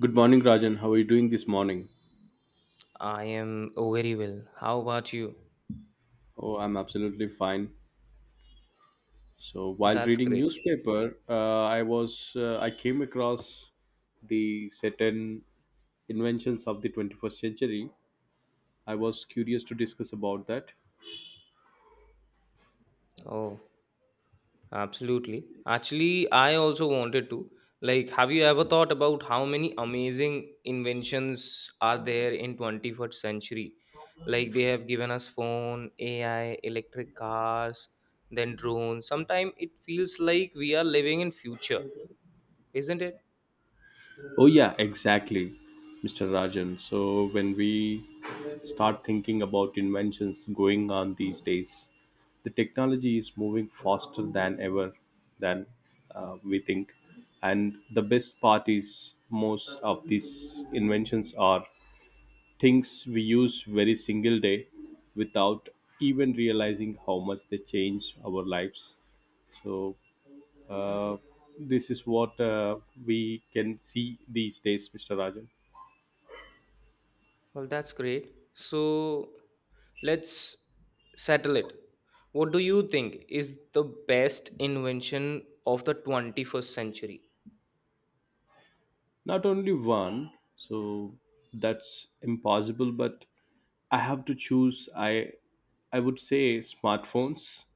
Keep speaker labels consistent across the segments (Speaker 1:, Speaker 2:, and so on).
Speaker 1: Good morning, Rajan. How are you doing this morning?
Speaker 2: I am very well. How about you?
Speaker 1: Oh, I'm absolutely fine. So while
Speaker 2: That's
Speaker 1: reading
Speaker 2: great.
Speaker 1: newspaper, I came across the certain inventions of the 21st century. I was curious to discuss about that.
Speaker 2: Oh, absolutely. Actually, I also wanted to. Like, have you ever thought about how many amazing inventions are there in 21st century? Like, they have given us phone, AI, electric cars, then drones. Sometimes it feels like we are living in future, isn't it?
Speaker 1: Oh, yeah, exactly, Mr. Rajan. So, when we start thinking about inventions going on these days, the technology is moving faster than ever than we think. And the best part is most of these inventions are things we use very single day without even realizing how much they change our lives. So, uh, this is what We can see these days, Mr. Rajan.
Speaker 2: Well, that's great. So let's settle it. What do you think is the best invention of the 21st century?
Speaker 1: Not only one, so that's impossible, but I have to choose. I would say smartphones,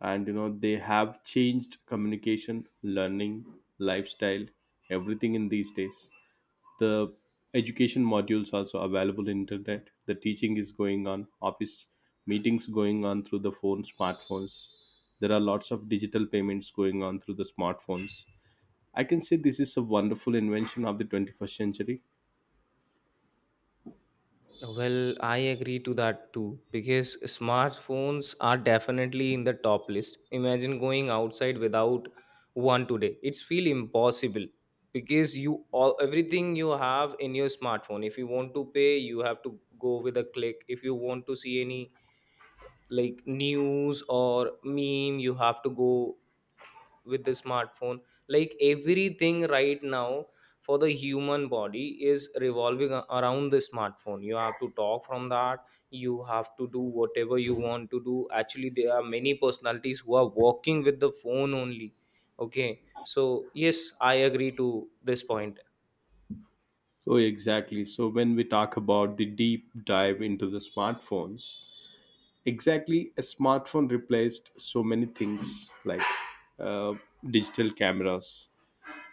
Speaker 1: and you know they have changed communication, learning, lifestyle, everything in these days. The education modules also available in internet, the teaching is going on, office meetings going on through the phone, smartphones. There are lots of digital payments going on through the smartphones. I can say this is a wonderful invention of the 21st century.
Speaker 2: Well, I agree to that too because smartphones are definitely in the top list. Imagine going outside without one today. It's feel impossible because you all everything you have in your smartphone. If you want to pay, you have to go with a click. If you want to see any like news or meme, you have to go with the smartphone. Like, everything right now for the human body is revolving around the smartphone. You have to talk from that, you have to do whatever you want to do. Actually, there are many personalities who are working with the phone only. Okay, so yes, I agree to this point.
Speaker 1: Oh, exactly. So when we talk about the deep dive into the smartphones, exactly a smartphone replaced so many things, like uh, digital cameras,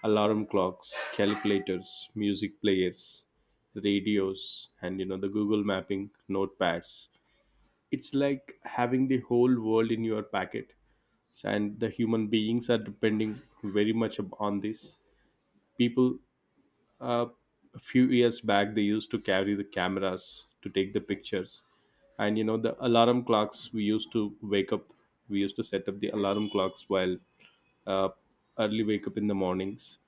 Speaker 1: alarm clocks, calculators, music players, radios, and you know the Google mapping, notepads. It's like having the whole world in your packet, and the human beings are depending very much up on this. People uh, a few years back they used to carry the cameras to take the pictures, and you know the alarm clocks, we used to wake up, we used to set up the alarm clocks while uh, early wake up in the mornings.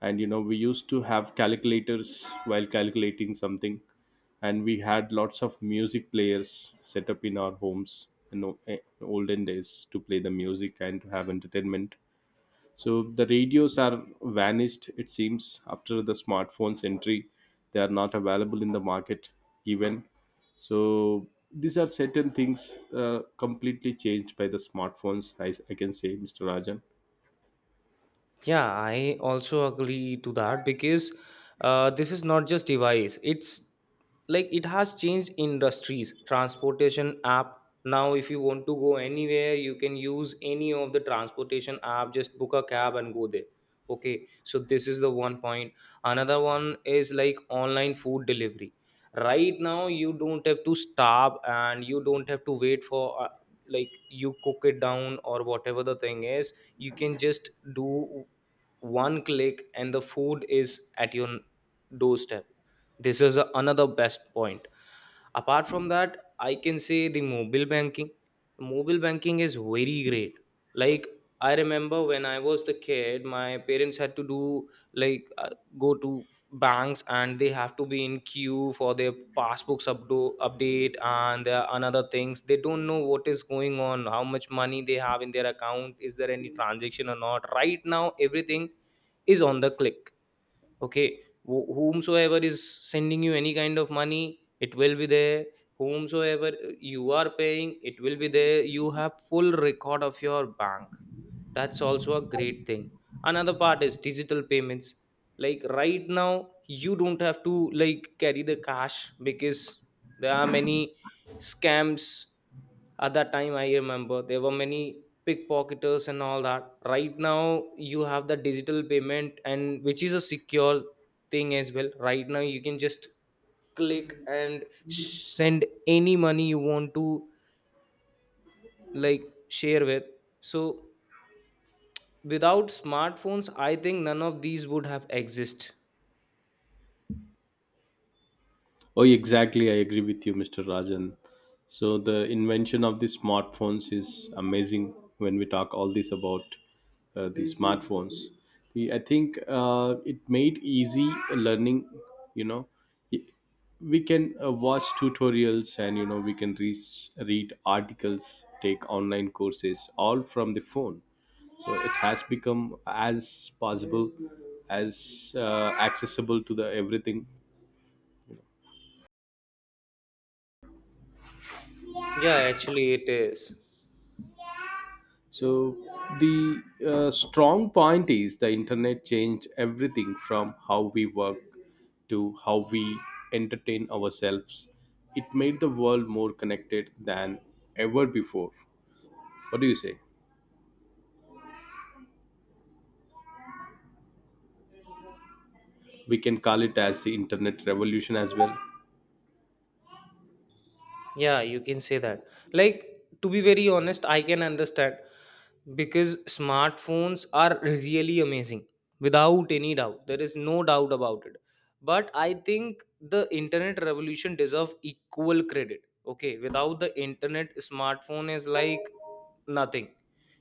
Speaker 1: And you know, we used to have calculators while calculating something, and we had lots of music players set up in our homes in the olden days to play the music and to have entertainment. So the radios are vanished, it seems, after the smartphone's entry. They are not available in the market even. So these are certain things completely changed by the smartphones, I can say, Mr. Rajan.
Speaker 2: Yeah, I also agree to that because this is not just device. It's like it has changed industries. Transportation app now, if you want to go anywhere, you can use any of the transportation app. Just book a cab and go there. Okay, so this is the one point. Another one is like online food delivery. Right now, you don't have to starve and you don't have to wait for like you cook it down or whatever the thing is. You can just do one click and the food is at your doorstep. This is another best point. Apart from that, I can say the mobile banking. Mobile banking is very great. Like, I remember when I was the kid, my parents had to do, like, go to banks and they have to be in queue for their passbooks update. And there are another things, they don't know what is going on, how much money they have in their account, is there any transaction or not. Right now, everything is on the click. Okay. Whomsoever is sending you any kind of money, it will be there. Whomsoever you are paying, it will be there. You have full record of your bank. That's also a great thing. Another part is digital payments. Like, right now you don't have to, like, carry the cash, because there are many scams. At that time, I remember there were many pickpocketers and all that. Right now you have the digital payment, and which is a secure thing as well. Right now you can just click and send any money you want to, like, share with. So without smartphones, I think none of these would have exist.
Speaker 1: Oh, exactly. I agree with you, Mr. Rajan. So the invention of the smartphones is amazing. When we talk all this about the smartphones, I think it made easy learning, you know. We can watch tutorials, and you know we can reach, read articles, take online courses all from the phone. So it has become as possible as accessible to the everything.
Speaker 2: Yeah, actually it is.
Speaker 1: So the strong point is, the internet changed everything from how we work to how we entertain ourselves. It made the world more connected than ever before. What do you say? We can call it as the internet revolution as well.
Speaker 2: Yeah, you can say that. Like, to be very honest, I can understand because smartphones are really amazing without any doubt. There is no doubt about it. But I think the internet revolution deserve equal credit. Okay, without the internet, smartphone is like nothing.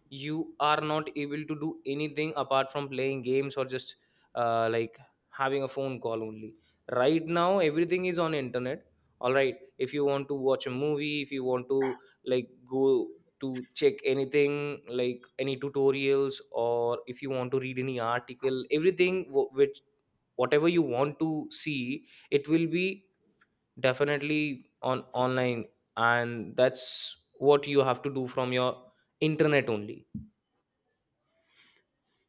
Speaker 2: You are not able to do anything apart from playing games or just like having a phone call only. Right now everything is on internet. All right, if you want to watch a movie, if you want to, like, go to check anything like any tutorials, or if you want to read any article, everything, wh- which whatever you want to see, it will be definitely on online, and that's what you have to do from your internet only.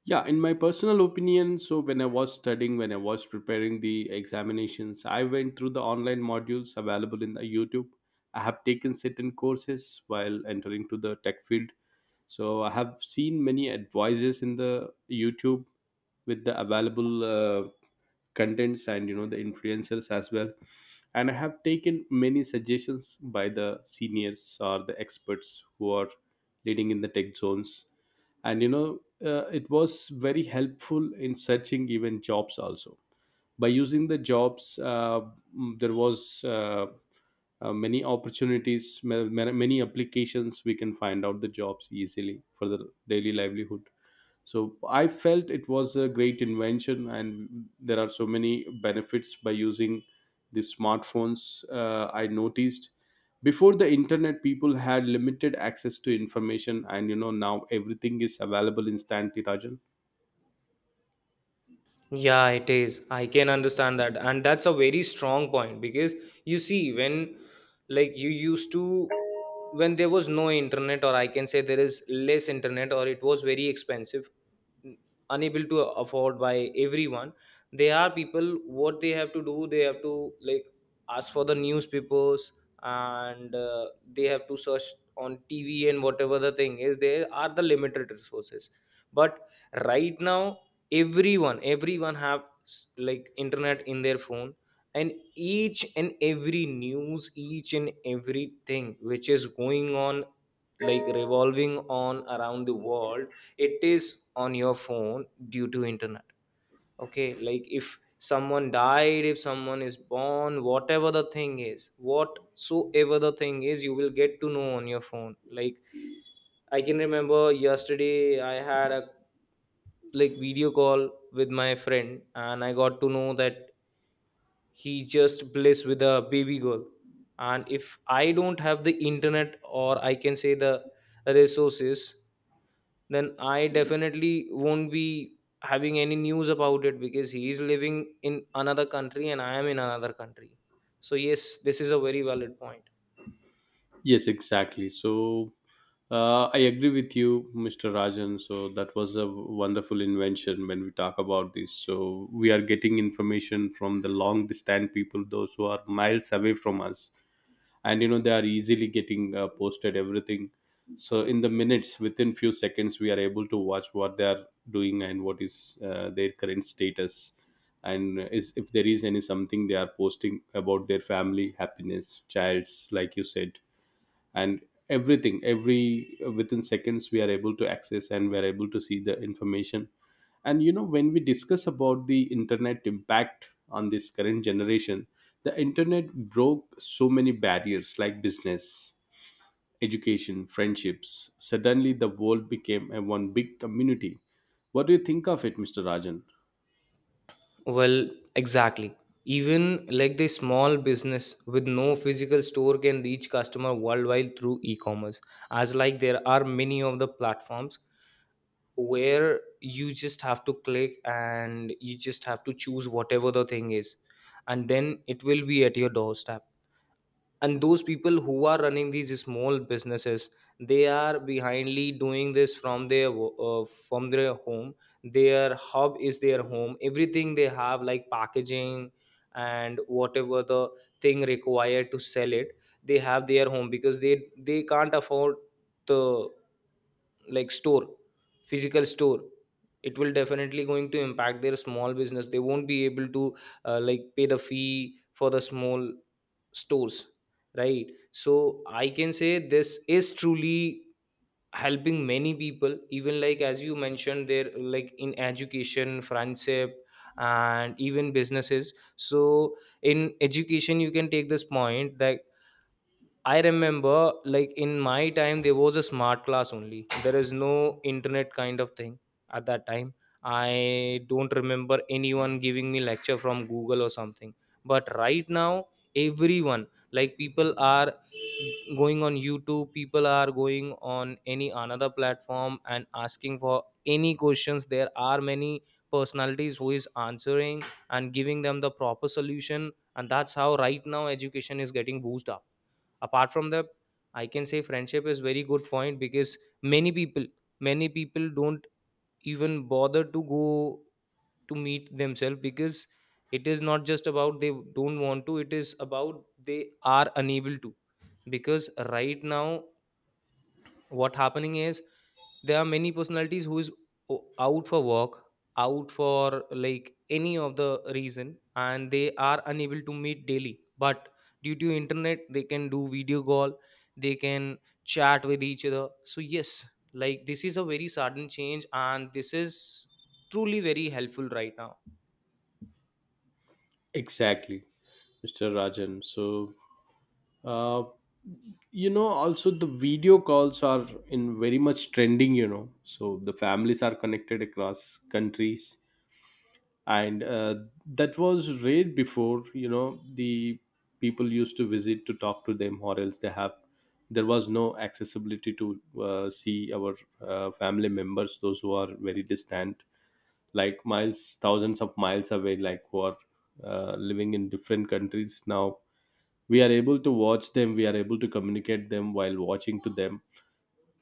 Speaker 1: Yeah, in my personal opinion, so when I was studying, when I was preparing the examinations, I went through the online modules available in the YouTube. I have taken certain courses while entering to the tech field. So I have seen many advices in the YouTube with the available contents, and you know the influencers as well. And I have taken many suggestions by the seniors or the experts who are leading in the tech zones. And you know, it was very helpful in searching even jobs also, by using the jobs mm, there was many opportunities, many applications. We can find out the jobs easily for the daily livelihood. So I felt it was a great invention, and there are so many benefits by using the smartphones. I noticed, before the internet people had limited access to information, and you know now everything is available instantly, Rajan.
Speaker 2: Yeah, it is. I can understand that. And that's a very strong point because, you see, when, like, you used to, when there was no internet, or I can say there is less internet, or it was very expensive, n- unable to afford by everyone, there are people, what they have to do, they have to, like, ask for the newspapers and, they have to search on TV and whatever the thing is, there are the limited resources. But right now, everyone have like internet in their phone, and each and every news, each and everything which is going on, like, revolving on around the world, it is on your phone due to internet. Okay, like if someone died, if someone is born, whatever the thing is, whatsoever the thing is, you will get to know on your phone. Like, I can remember yesterday I had a, like, video call with my friend and I got to know that he just blessed with a baby girl. And if I don't have the internet, or I can say the resources, then I definitely won't be having any news about it, because he is living in another country and I am in another country. So yes, this is a very valid point.
Speaker 1: Yes, exactly. So I agree with you, Mr. Rajan. So that was a wonderful invention. When we talk about this, so we are getting information from the long distant people, those who are miles away from us. And you know, they are easily getting posted everything. So in the minutes, within few seconds, we are able to watch what they are doing and what is their current status. And is if there is any something they are posting about their family happiness, childs, like you said. And everything, every within seconds we are able to access, and we are able to see the information. And you know, when we discuss about the internet impact on this current generation, the internet broke so many barriers, like business, education, friendships. Suddenly the world became a one big community. What do you think of it, Mr. Rajan?
Speaker 2: Well, exactly. Even like the small business with no physical store can reach customer worldwide through e-commerce. As like there are many of the platforms where you just have to click and you just have to choose whatever the thing is, and then it will be at your doorstep. And those people who are running these small businesses, they are behindly doing this from their from their home. Their hub is their home. Everything they have, like packaging and whatever the thing required to sell it, they have their home, because they can't afford the, like, store, physical store. It will definitely going to impact their small business. They won't be able to, like, pay the fee for the small stores, right? So I can say this is truly helping many people, even like, as you mentioned there, like in education, friendship and even businesses. So in education, you can take this point that I remember, like in my time, there was a smart class only. There is no internet kind of thing at that time. I don't remember anyone giving me lecture from Google or something. But right now, everyone, like, people are going on YouTube, people are going on any another platform and asking for any questions. There are many personalities who is answering and giving them the proper solution, and that's how right now education is getting boosted up. Apart from that, I can say friendship is very good point, because many people many people don't even bother to go to meet themselves, because it is not just about they don't want to, it is about they are unable to. Because right now what happening is, there are many personalities who is out for work, out for, like, any of the reason, and they are unable to meet daily. But due to internet, they can do video call, they can chat with each other. So yes, like, this is a very sudden change, and this is truly very helpful right now.
Speaker 1: Exactly, Mr. Rajan. So uh, you know, also the video calls are in very much trending, you know. So the families are connected across countries. And that was rare before, you know. The people used to visit to talk to them, or else they have, there was no accessibility to see our family members, those who are very distant, like miles, thousands of miles away, like who are living in different countries. Now we are able to watch them, we are able to communicate them while watching to them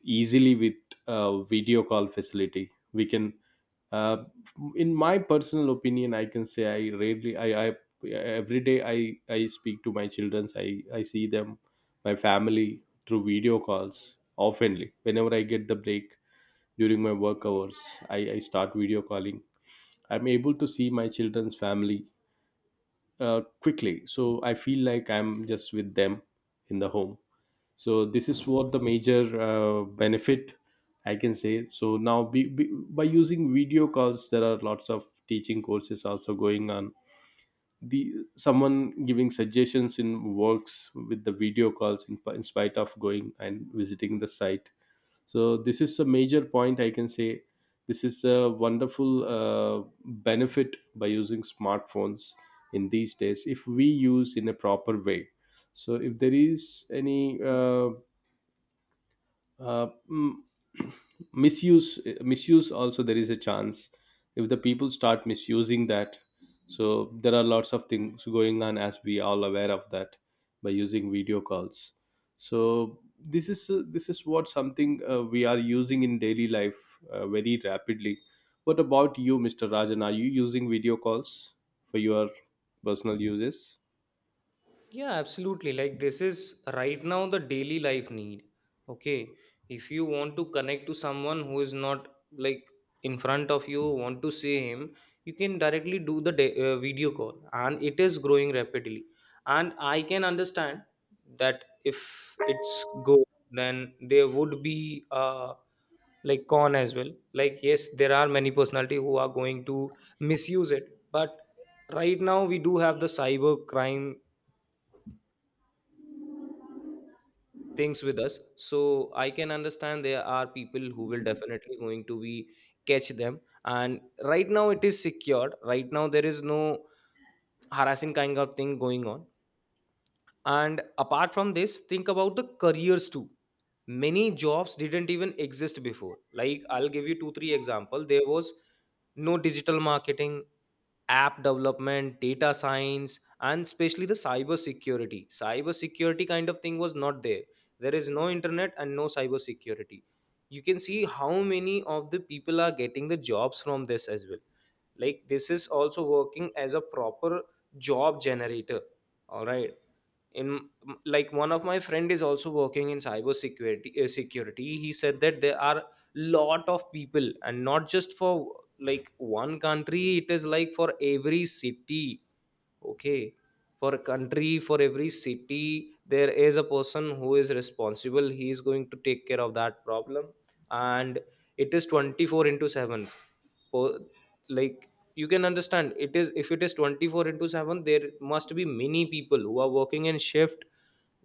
Speaker 1: easily with video call facility. We can uh, in my personal opinion, I can say, I every day I speak to my children, I see them, my family, through video calls oftenly, whenever I get the break during my work hours. I start video calling. I'm able to see my children's family quickly, so I feel like I'm just with them in the home. So this is what the major benefit, I can say. So now by using video calls, there are lots of teaching courses also going on. The someone giving suggestions in works with the video calls, in spite of going and visiting the site. So this is a major point, I can say. This is a wonderful benefit by using smartphones in these days, if we use in a proper way. So if there is any uh, mm, misuse also, there is a chance if the people start misusing that. So there are lots of things going on, as we all aware of that, by using video calls. So this is what something we are using in daily life very rapidly. What about you, Mr. Rajan? Are you using video calls for your personal uses?
Speaker 2: Yeah, absolutely. Like, this is right now the daily life need. Okay. If you want to connect to someone who is not, like, in front of you, want to see him, you can directly do the video call, and it is growing rapidly. And I can understand that if it's go, then there would be like con as well. Like, yes, there are many personality who are going to misuse it. But right now we do have the cyber crime things with us. So I can understand there are people who will definitely going to be catch them. And right now it is secured, right now there is no harassing kind of thing going on. And apart from this, think about the careers too. Many jobs didn't even exist before. Like, I'll give you two three example. There was no digital marketing, app development, data science, and especially the Cyber security kind of thing was not there. There is no internet and no cyber security. You can see how many of the people are getting the jobs from this as well. Like, this is also working as a proper job generator. All right. In, like, one of my friend is also working in cyber security. He said that there are lot of people, and not just for, like, one country, it is like for every city. Okay. For a country, for every city, there is a person who is responsible. He is going to take care of that problem. And it is 24 into 7. Po- Like, you can understand, it is, if it is 24 into 7, there must be many people who are working in shift.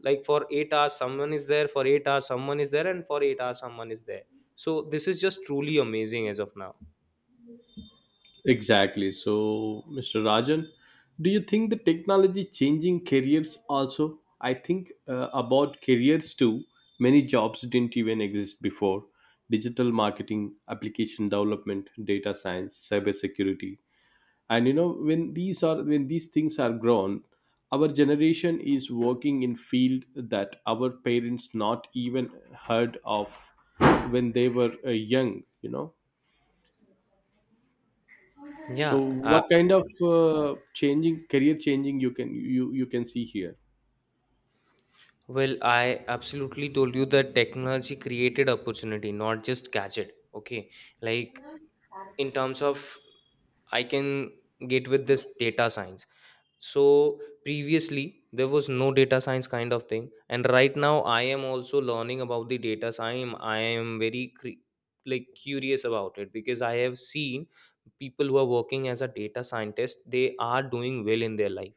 Speaker 2: Like, for 8 hours, someone is there, for 8 hours, someone is there, and for 8 hours, someone is there. So this is just truly amazing as of now.
Speaker 1: Exactly. So, Mr. Rajan, do you think the technology changing careers also? I think about careers too. Many jobs didn't even exist before. Digital marketing, application development, data science, cybersecurity. And you know, when these things are grown, our generation is working in field that our parents not even heard of when they were young, you know. So
Speaker 2: Yeah,
Speaker 1: what kind of changing you can see here?
Speaker 2: well, I absolutely told you that technology created opportunity, not just gadget. Okay. Like, in terms of, I can get with this data science. So previously there was no data science kind of thing, and right now I am also learning about the data science. I am very curious about it because I have seen people who are working as a data scientist. They are doing well in their life,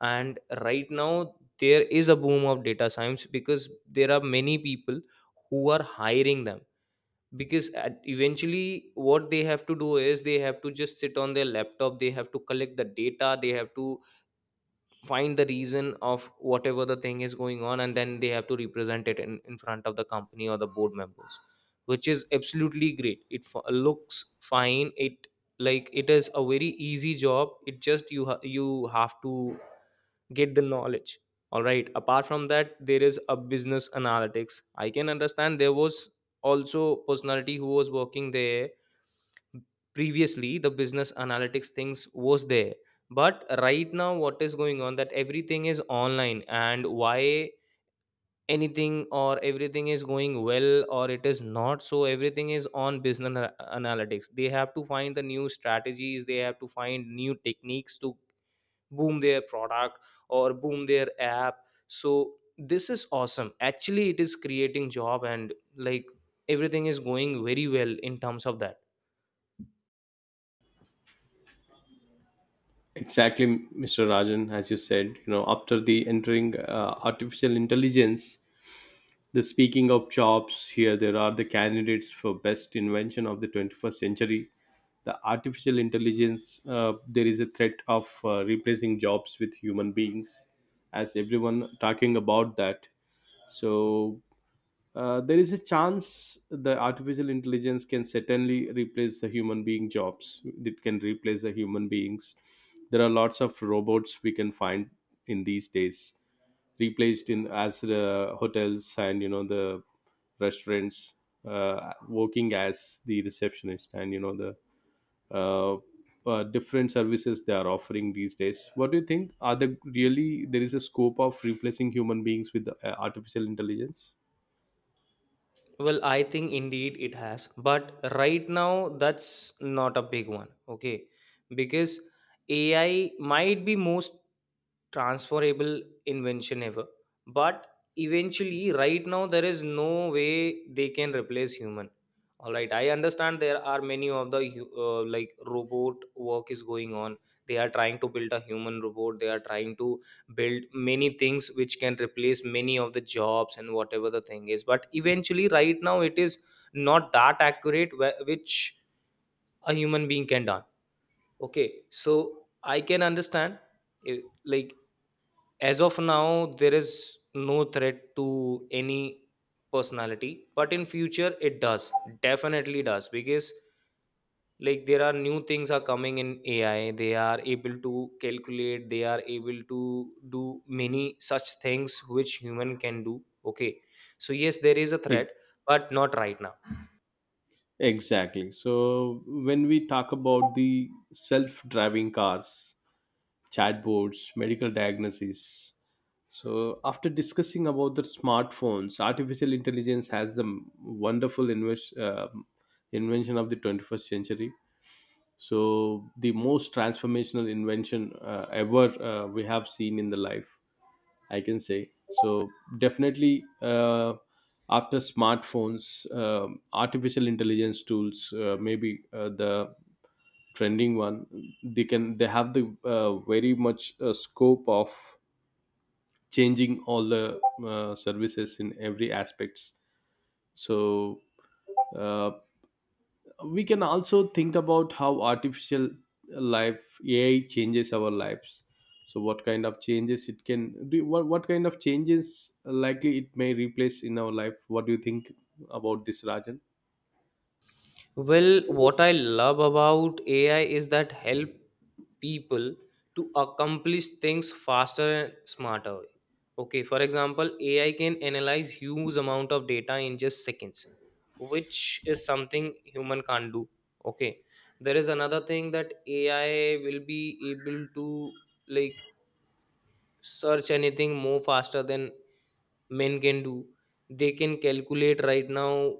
Speaker 2: and right now there is a boom of data science because there are many people who are hiring them because eventually what they have to do is they have to just sit on their laptop. They have to collect the data, they have to find the reason of whatever the thing is going on, and then they have to represent it in front of the company or the board members, which is absolutely great. It looks fine. It, like, it is a very easy job. It just you you have to get the knowledge. All right, apart from that, there is a business analytics. I can understand there was also personality who was working there. Previously the business analytics things was there, but right now what is going on, that everything is online, and why anything or everything is going well or it is not. So everything is on business analytics. They have to find the new strategies, they have to find new techniques to boom their product or boom their app. So this is awesome. Actually, it is creating job, and, like, everything is going very well in terms of that.
Speaker 1: Exactly, Mr. Rajan, as you said, you know, after the entering artificial intelligence, the speaking of jobs here, there are the candidates for best invention of the 21st century. The artificial intelligence, there is a threat of replacing jobs with human beings, as everyone talking about that. So there is a chance the artificial intelligence can certainly replace the human being jobs. It can replace the human beings. There are lots of robots we can find in these days, replaced in as the hotels, and you know the restaurants, working as the receptionist, and you know the uh, different services they are offering these days. What do you think? Are there really there is a scope of replacing human beings with artificial intelligence?
Speaker 2: Well, I think indeed it has, but right now that's not a big one, okay? Because AI might be most transferable invention ever, but eventually right now there is no way they can replace human. All right, I understand there are many of the like, robot work is going on. They are trying to build a human robot, they are trying to build many things which can replace many of the jobs and whatever the thing is, but eventually right now it is not that accurate, which a human being can done. Okay, so I can understand, eh, like, as of now, there is no threat to any personality, but in future it does. Definitely does because, like, there are new things are coming in AI. They are able to calculate, they are able to do many such things which human can do. Okay. So yes, there is a threat,
Speaker 1: Like,
Speaker 2: but not right now.
Speaker 1: exactly. So when we talk about the self-driving cars, chatbots, medical diagnoses, so after discussing about the smartphones, artificial intelligence has the wonderful invention of the 21st century. So the most transformational invention ever we have seen in the life, I can say. So definitely, after smartphones, artificial intelligence tools, maybe the trending one, they have the very much scope of changing all the services in every aspects. So. Uh, we can also think about how artificial life AI changes our lives. So what kind of changes it can do, what kind of changes likely it may replace in our life? What do you think about this, Rajan?
Speaker 2: Well, what I love about AI is that help people to accomplish things faster and smarter way. Okay, for example, AI can analyze huge amount of data in just seconds, which is something human can't do. Okay, there is another thing that AI will be able to, like, search anything more faster than men can do. They can calculate right now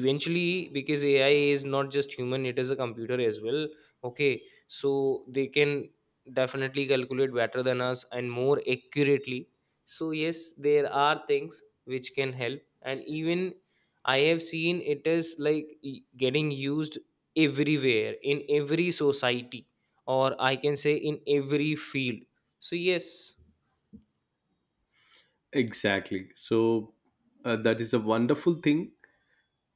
Speaker 2: eventually, because AI is not just human, it is a computer as well. Okay, so they can definitely calculate better than us and more accurately. So yes, there are things which can help, and even I have seen it is like getting used everywhere in every society, or I can say in every field. So yes.
Speaker 1: Exactly. So that is a wonderful thing.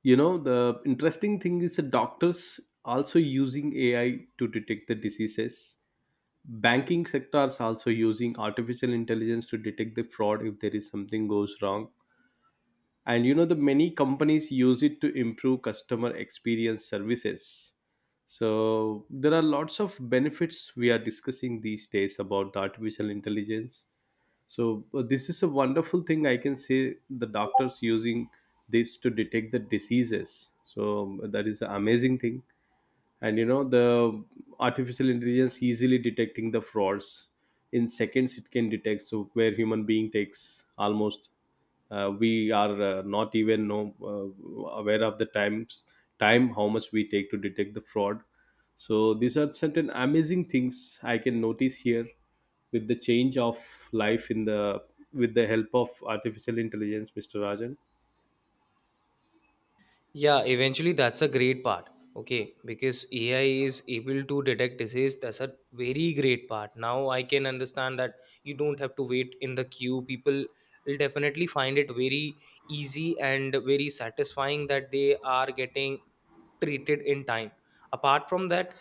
Speaker 1: You know, the interesting thing is the doctors also using AI to detect the diseases. Banking sectors also using artificial intelligence to detect the fraud if there is something goes wrong. And you know, the many companies use it to improve customer experience services. So there are lots of benefits we are discussing these days about the artificial intelligence. So this is a wonderful thing. I can say the doctors using this to detect the diseases, so that is an amazing thing. And you know the artificial intelligence easily detecting the frauds in seconds it can detect. So where human being takes almost, we are not even know, aware of the time how much we take to detect the fraud. So these are certain amazing things I can notice here with the change of life in the, with the help of artificial intelligence, Mr. Rajan.
Speaker 2: Yeah, eventually that's a great part. Okay, because AI is able to detect disease, that's a very great part. Now I can understand that you don't have to wait in the queue. People will definitely find it very easy and very satisfying that they are getting treated in time. Apart from that,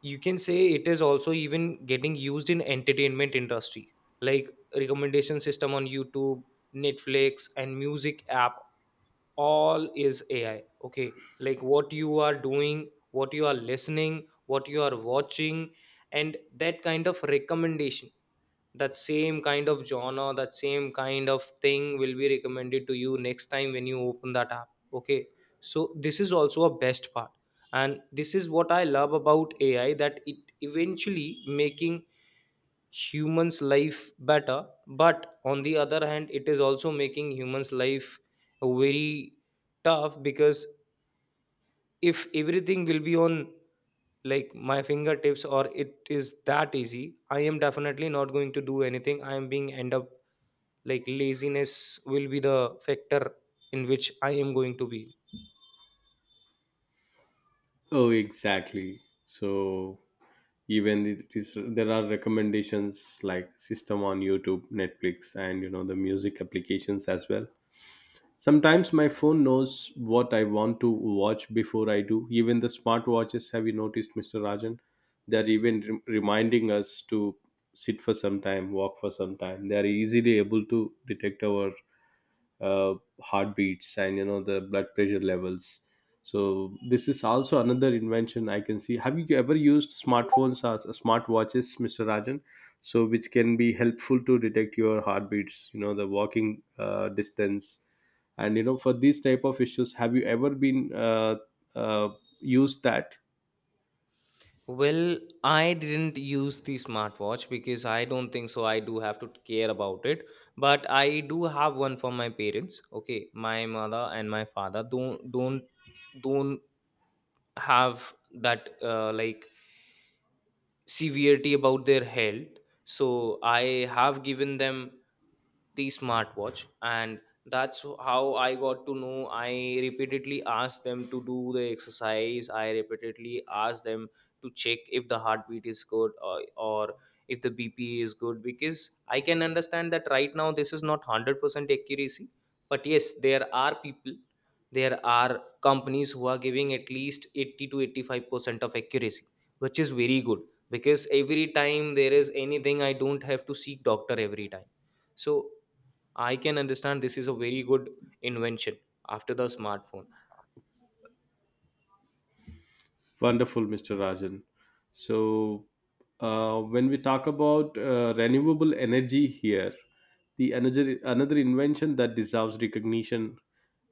Speaker 2: you can say it is also even getting used in entertainment industry, like recommendation system on YouTube, Netflix and music app. All is AI, okay? Like, what you are doing, what you are listening, what you are watching, and that kind of recommendation, that same kind of genre, that same kind of thing will be recommended to you next time when you open that app. Okay, so this is also a best part, and this is what I love about AI, that it eventually making humans life better, but on the other hand it is also making humans life very tough, because if everything will be on, like, my fingertips, or it is that easy, I am definitely not going to do anything. I am being end up, like, laziness will be the factor in which I am going to be.
Speaker 1: Oh, exactly. So even there are recommendations like system on YouTube, Netflix and you know the music applications as well. Sometimes my phone knows what I want to watch before I do. Even the smartwatches, have you noticed, Mr. Rajan? They're even reminding us to sit for some time, walk for some time. They are easily able to detect our uh, heartbeats and you know the blood pressure levels. So this is also another invention I can see. Have you ever used smartphones as smartwatches, Mr. Rajan? So which can be helpful to detect your heartbeats, you know, the walking distance and you know, for these type of issues, have you ever been uh, used that?
Speaker 2: Well, I didn't use the smartwatch because I don't think so. I do have to care about it, but I do have one for my parents. Okay, my mother and my father don't have that like, severity about their health. So I have given them the smartwatch, and that's how I got to know. I repeatedly asked them to do the exercise, I repeatedly asked them to check if the heartbeat is good, or if the BP is good, because I can understand that right now this is not 100% accuracy, but yes, there are people, there are companies who are giving at least 80 to 85% of accuracy, which is very good, because every time there is anything, I don't have to seek doctor every time. So I can understand this is a very good invention after the smartphone.
Speaker 1: Wonderful, Mr. Rajan. So, when we talk about renewable energy here, the another invention that deserves recognition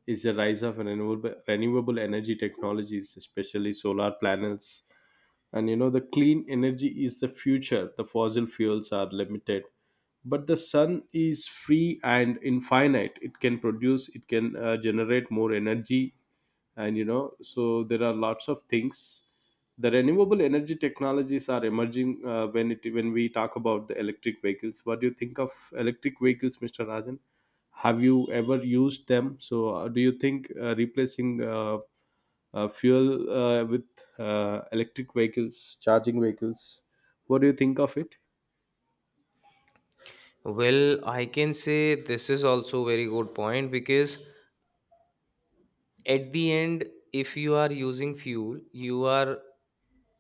Speaker 1: is the rise of renewable energy technologies, especially solar panels. And you know, the clean energy is the future. The fossil fuels are limited, but the sun is free and infinite. It can produce, it can generate more energy. And you know, so there are lots of things. The renewable energy technologies are emerging. When it when we talk about the electric vehicles, what do you think of electric vehicles, Mr. Rajan? Have you ever used them? So do you think replacing fuel with electric vehicles, charging vehicles? What do you think of it?
Speaker 2: Well, I can say this is also very good point, because at the end, if you are using fuel, you are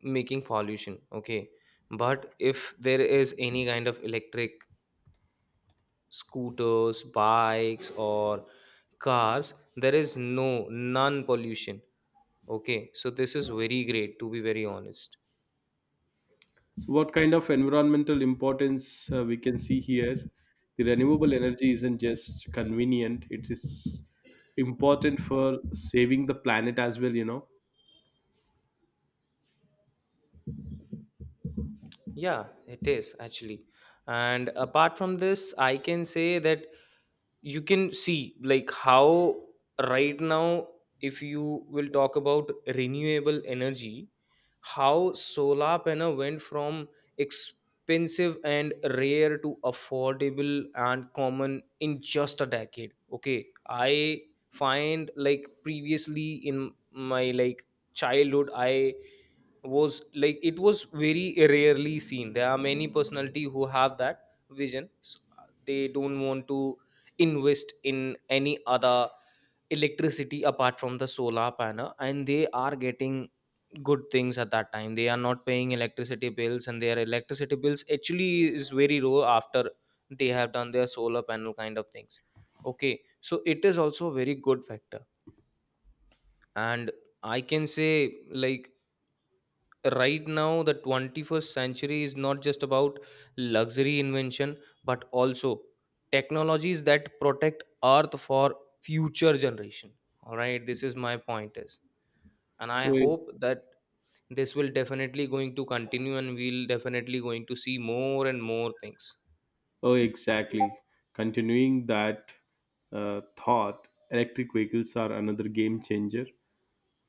Speaker 2: making pollution. Okay. But if there is any kind of electric scooters, bikes, or cars, there is no non pollution. Okay. So this is very great, to be very honest.
Speaker 1: So what kind of environmental importance we can see here? The renewable energy isn't just convenient; it is important for saving the planet as well, you know.
Speaker 2: Yeah, it is, actually. And apart from this, I can say that you can see, like, how right now, if you will talk about renewable energy, how solar panel went from expensive and rare to affordable and common in just a decade. Okay, I find, like, previously in my, like, childhood, I was, like, it was very rarely seen. There are many personality who have that vision, so they don't want to invest in any other electricity apart from the solar panel, and they are getting good things at that time. They are not paying electricity bills, and their electricity bills actually is very low after they have done their solar panel kind of things. Okay, so it is also a very good factor. And I can say, like, right now the 21st century is not just about luxury invention, but also technologies that protect earth for future generation. All right, this is my point is, and I
Speaker 1: Oh,
Speaker 2: hope that this will definitely going to continue, and we'll definitely going to see more and more things.
Speaker 1: oh, exactly. Continuing that thought, electric vehicles are another game changer,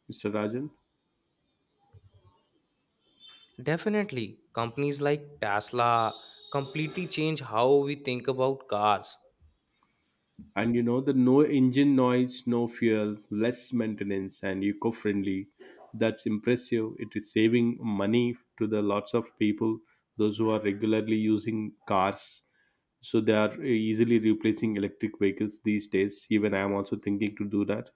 Speaker 1: Mr. Rajan.
Speaker 2: Definitely companies like Tesla completely change how we think about cars.
Speaker 1: And you know, the no engine noise, no fuel, less maintenance and eco-friendly, that's impressive. It is saving money to the lots of people, those who are regularly using cars. So they are easily replacing electric vehicles these days. Even I am also thinking to do that.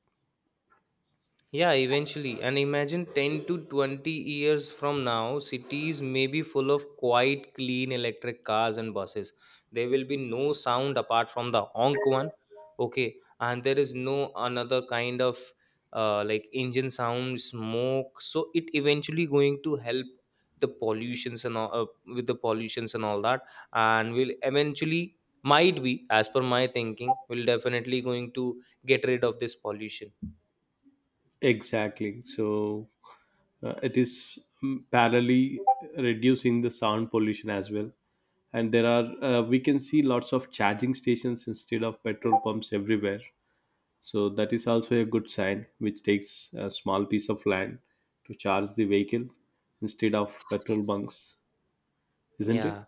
Speaker 2: Yeah, eventually. And imagine 10 to 20 years from now, cities may be full of quiet, clean electric cars and buses. There will be no sound apart from the honk one. Okay. And there is no another kind of like, engine sound, smoke. So it eventually going to help the pollutions and all, with the pollutions and all that. And will eventually, might be, as per my thinking, will definitely going to get rid of this pollution.
Speaker 1: Exactly. So it is, parallelly reducing the sound pollution as well. And there are, we can see lots of charging stations instead of petrol pumps everywhere. So that is also a good sign, which takes a small piece of land to charge the vehicle instead of petrol bunks, isn't it?
Speaker 2: Yeah.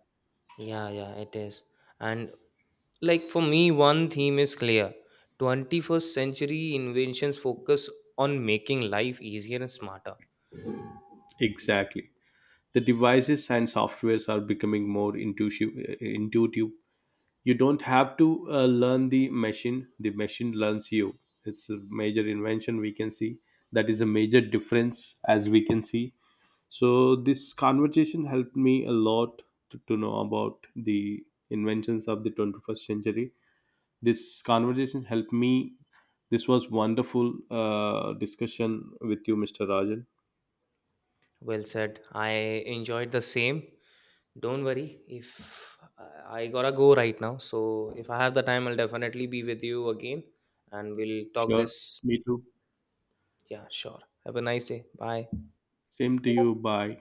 Speaker 2: Yeah, yeah, it is. And, like, for me, one theme is clear. 21st century inventions focus on making life easier and smarter.
Speaker 1: Exactly. The devices and softwares are becoming more intuitive. You don't have to learn the machine learns you. It's a major invention we can see. That is a major difference as we can see. So this conversation helped me a lot to know about the inventions of the 21st century. This conversation helped me. This was wonderful discussion with you, Mr. Rajan.
Speaker 2: Well said. I enjoyed the same. Don't worry. If I gotta go right now. So if I have the time, I'll definitely be with you again, and we'll talk
Speaker 1: Sure.
Speaker 2: this.
Speaker 1: Me too.
Speaker 2: Yeah, sure. Have a nice day. Bye.
Speaker 1: Same to you. Bye.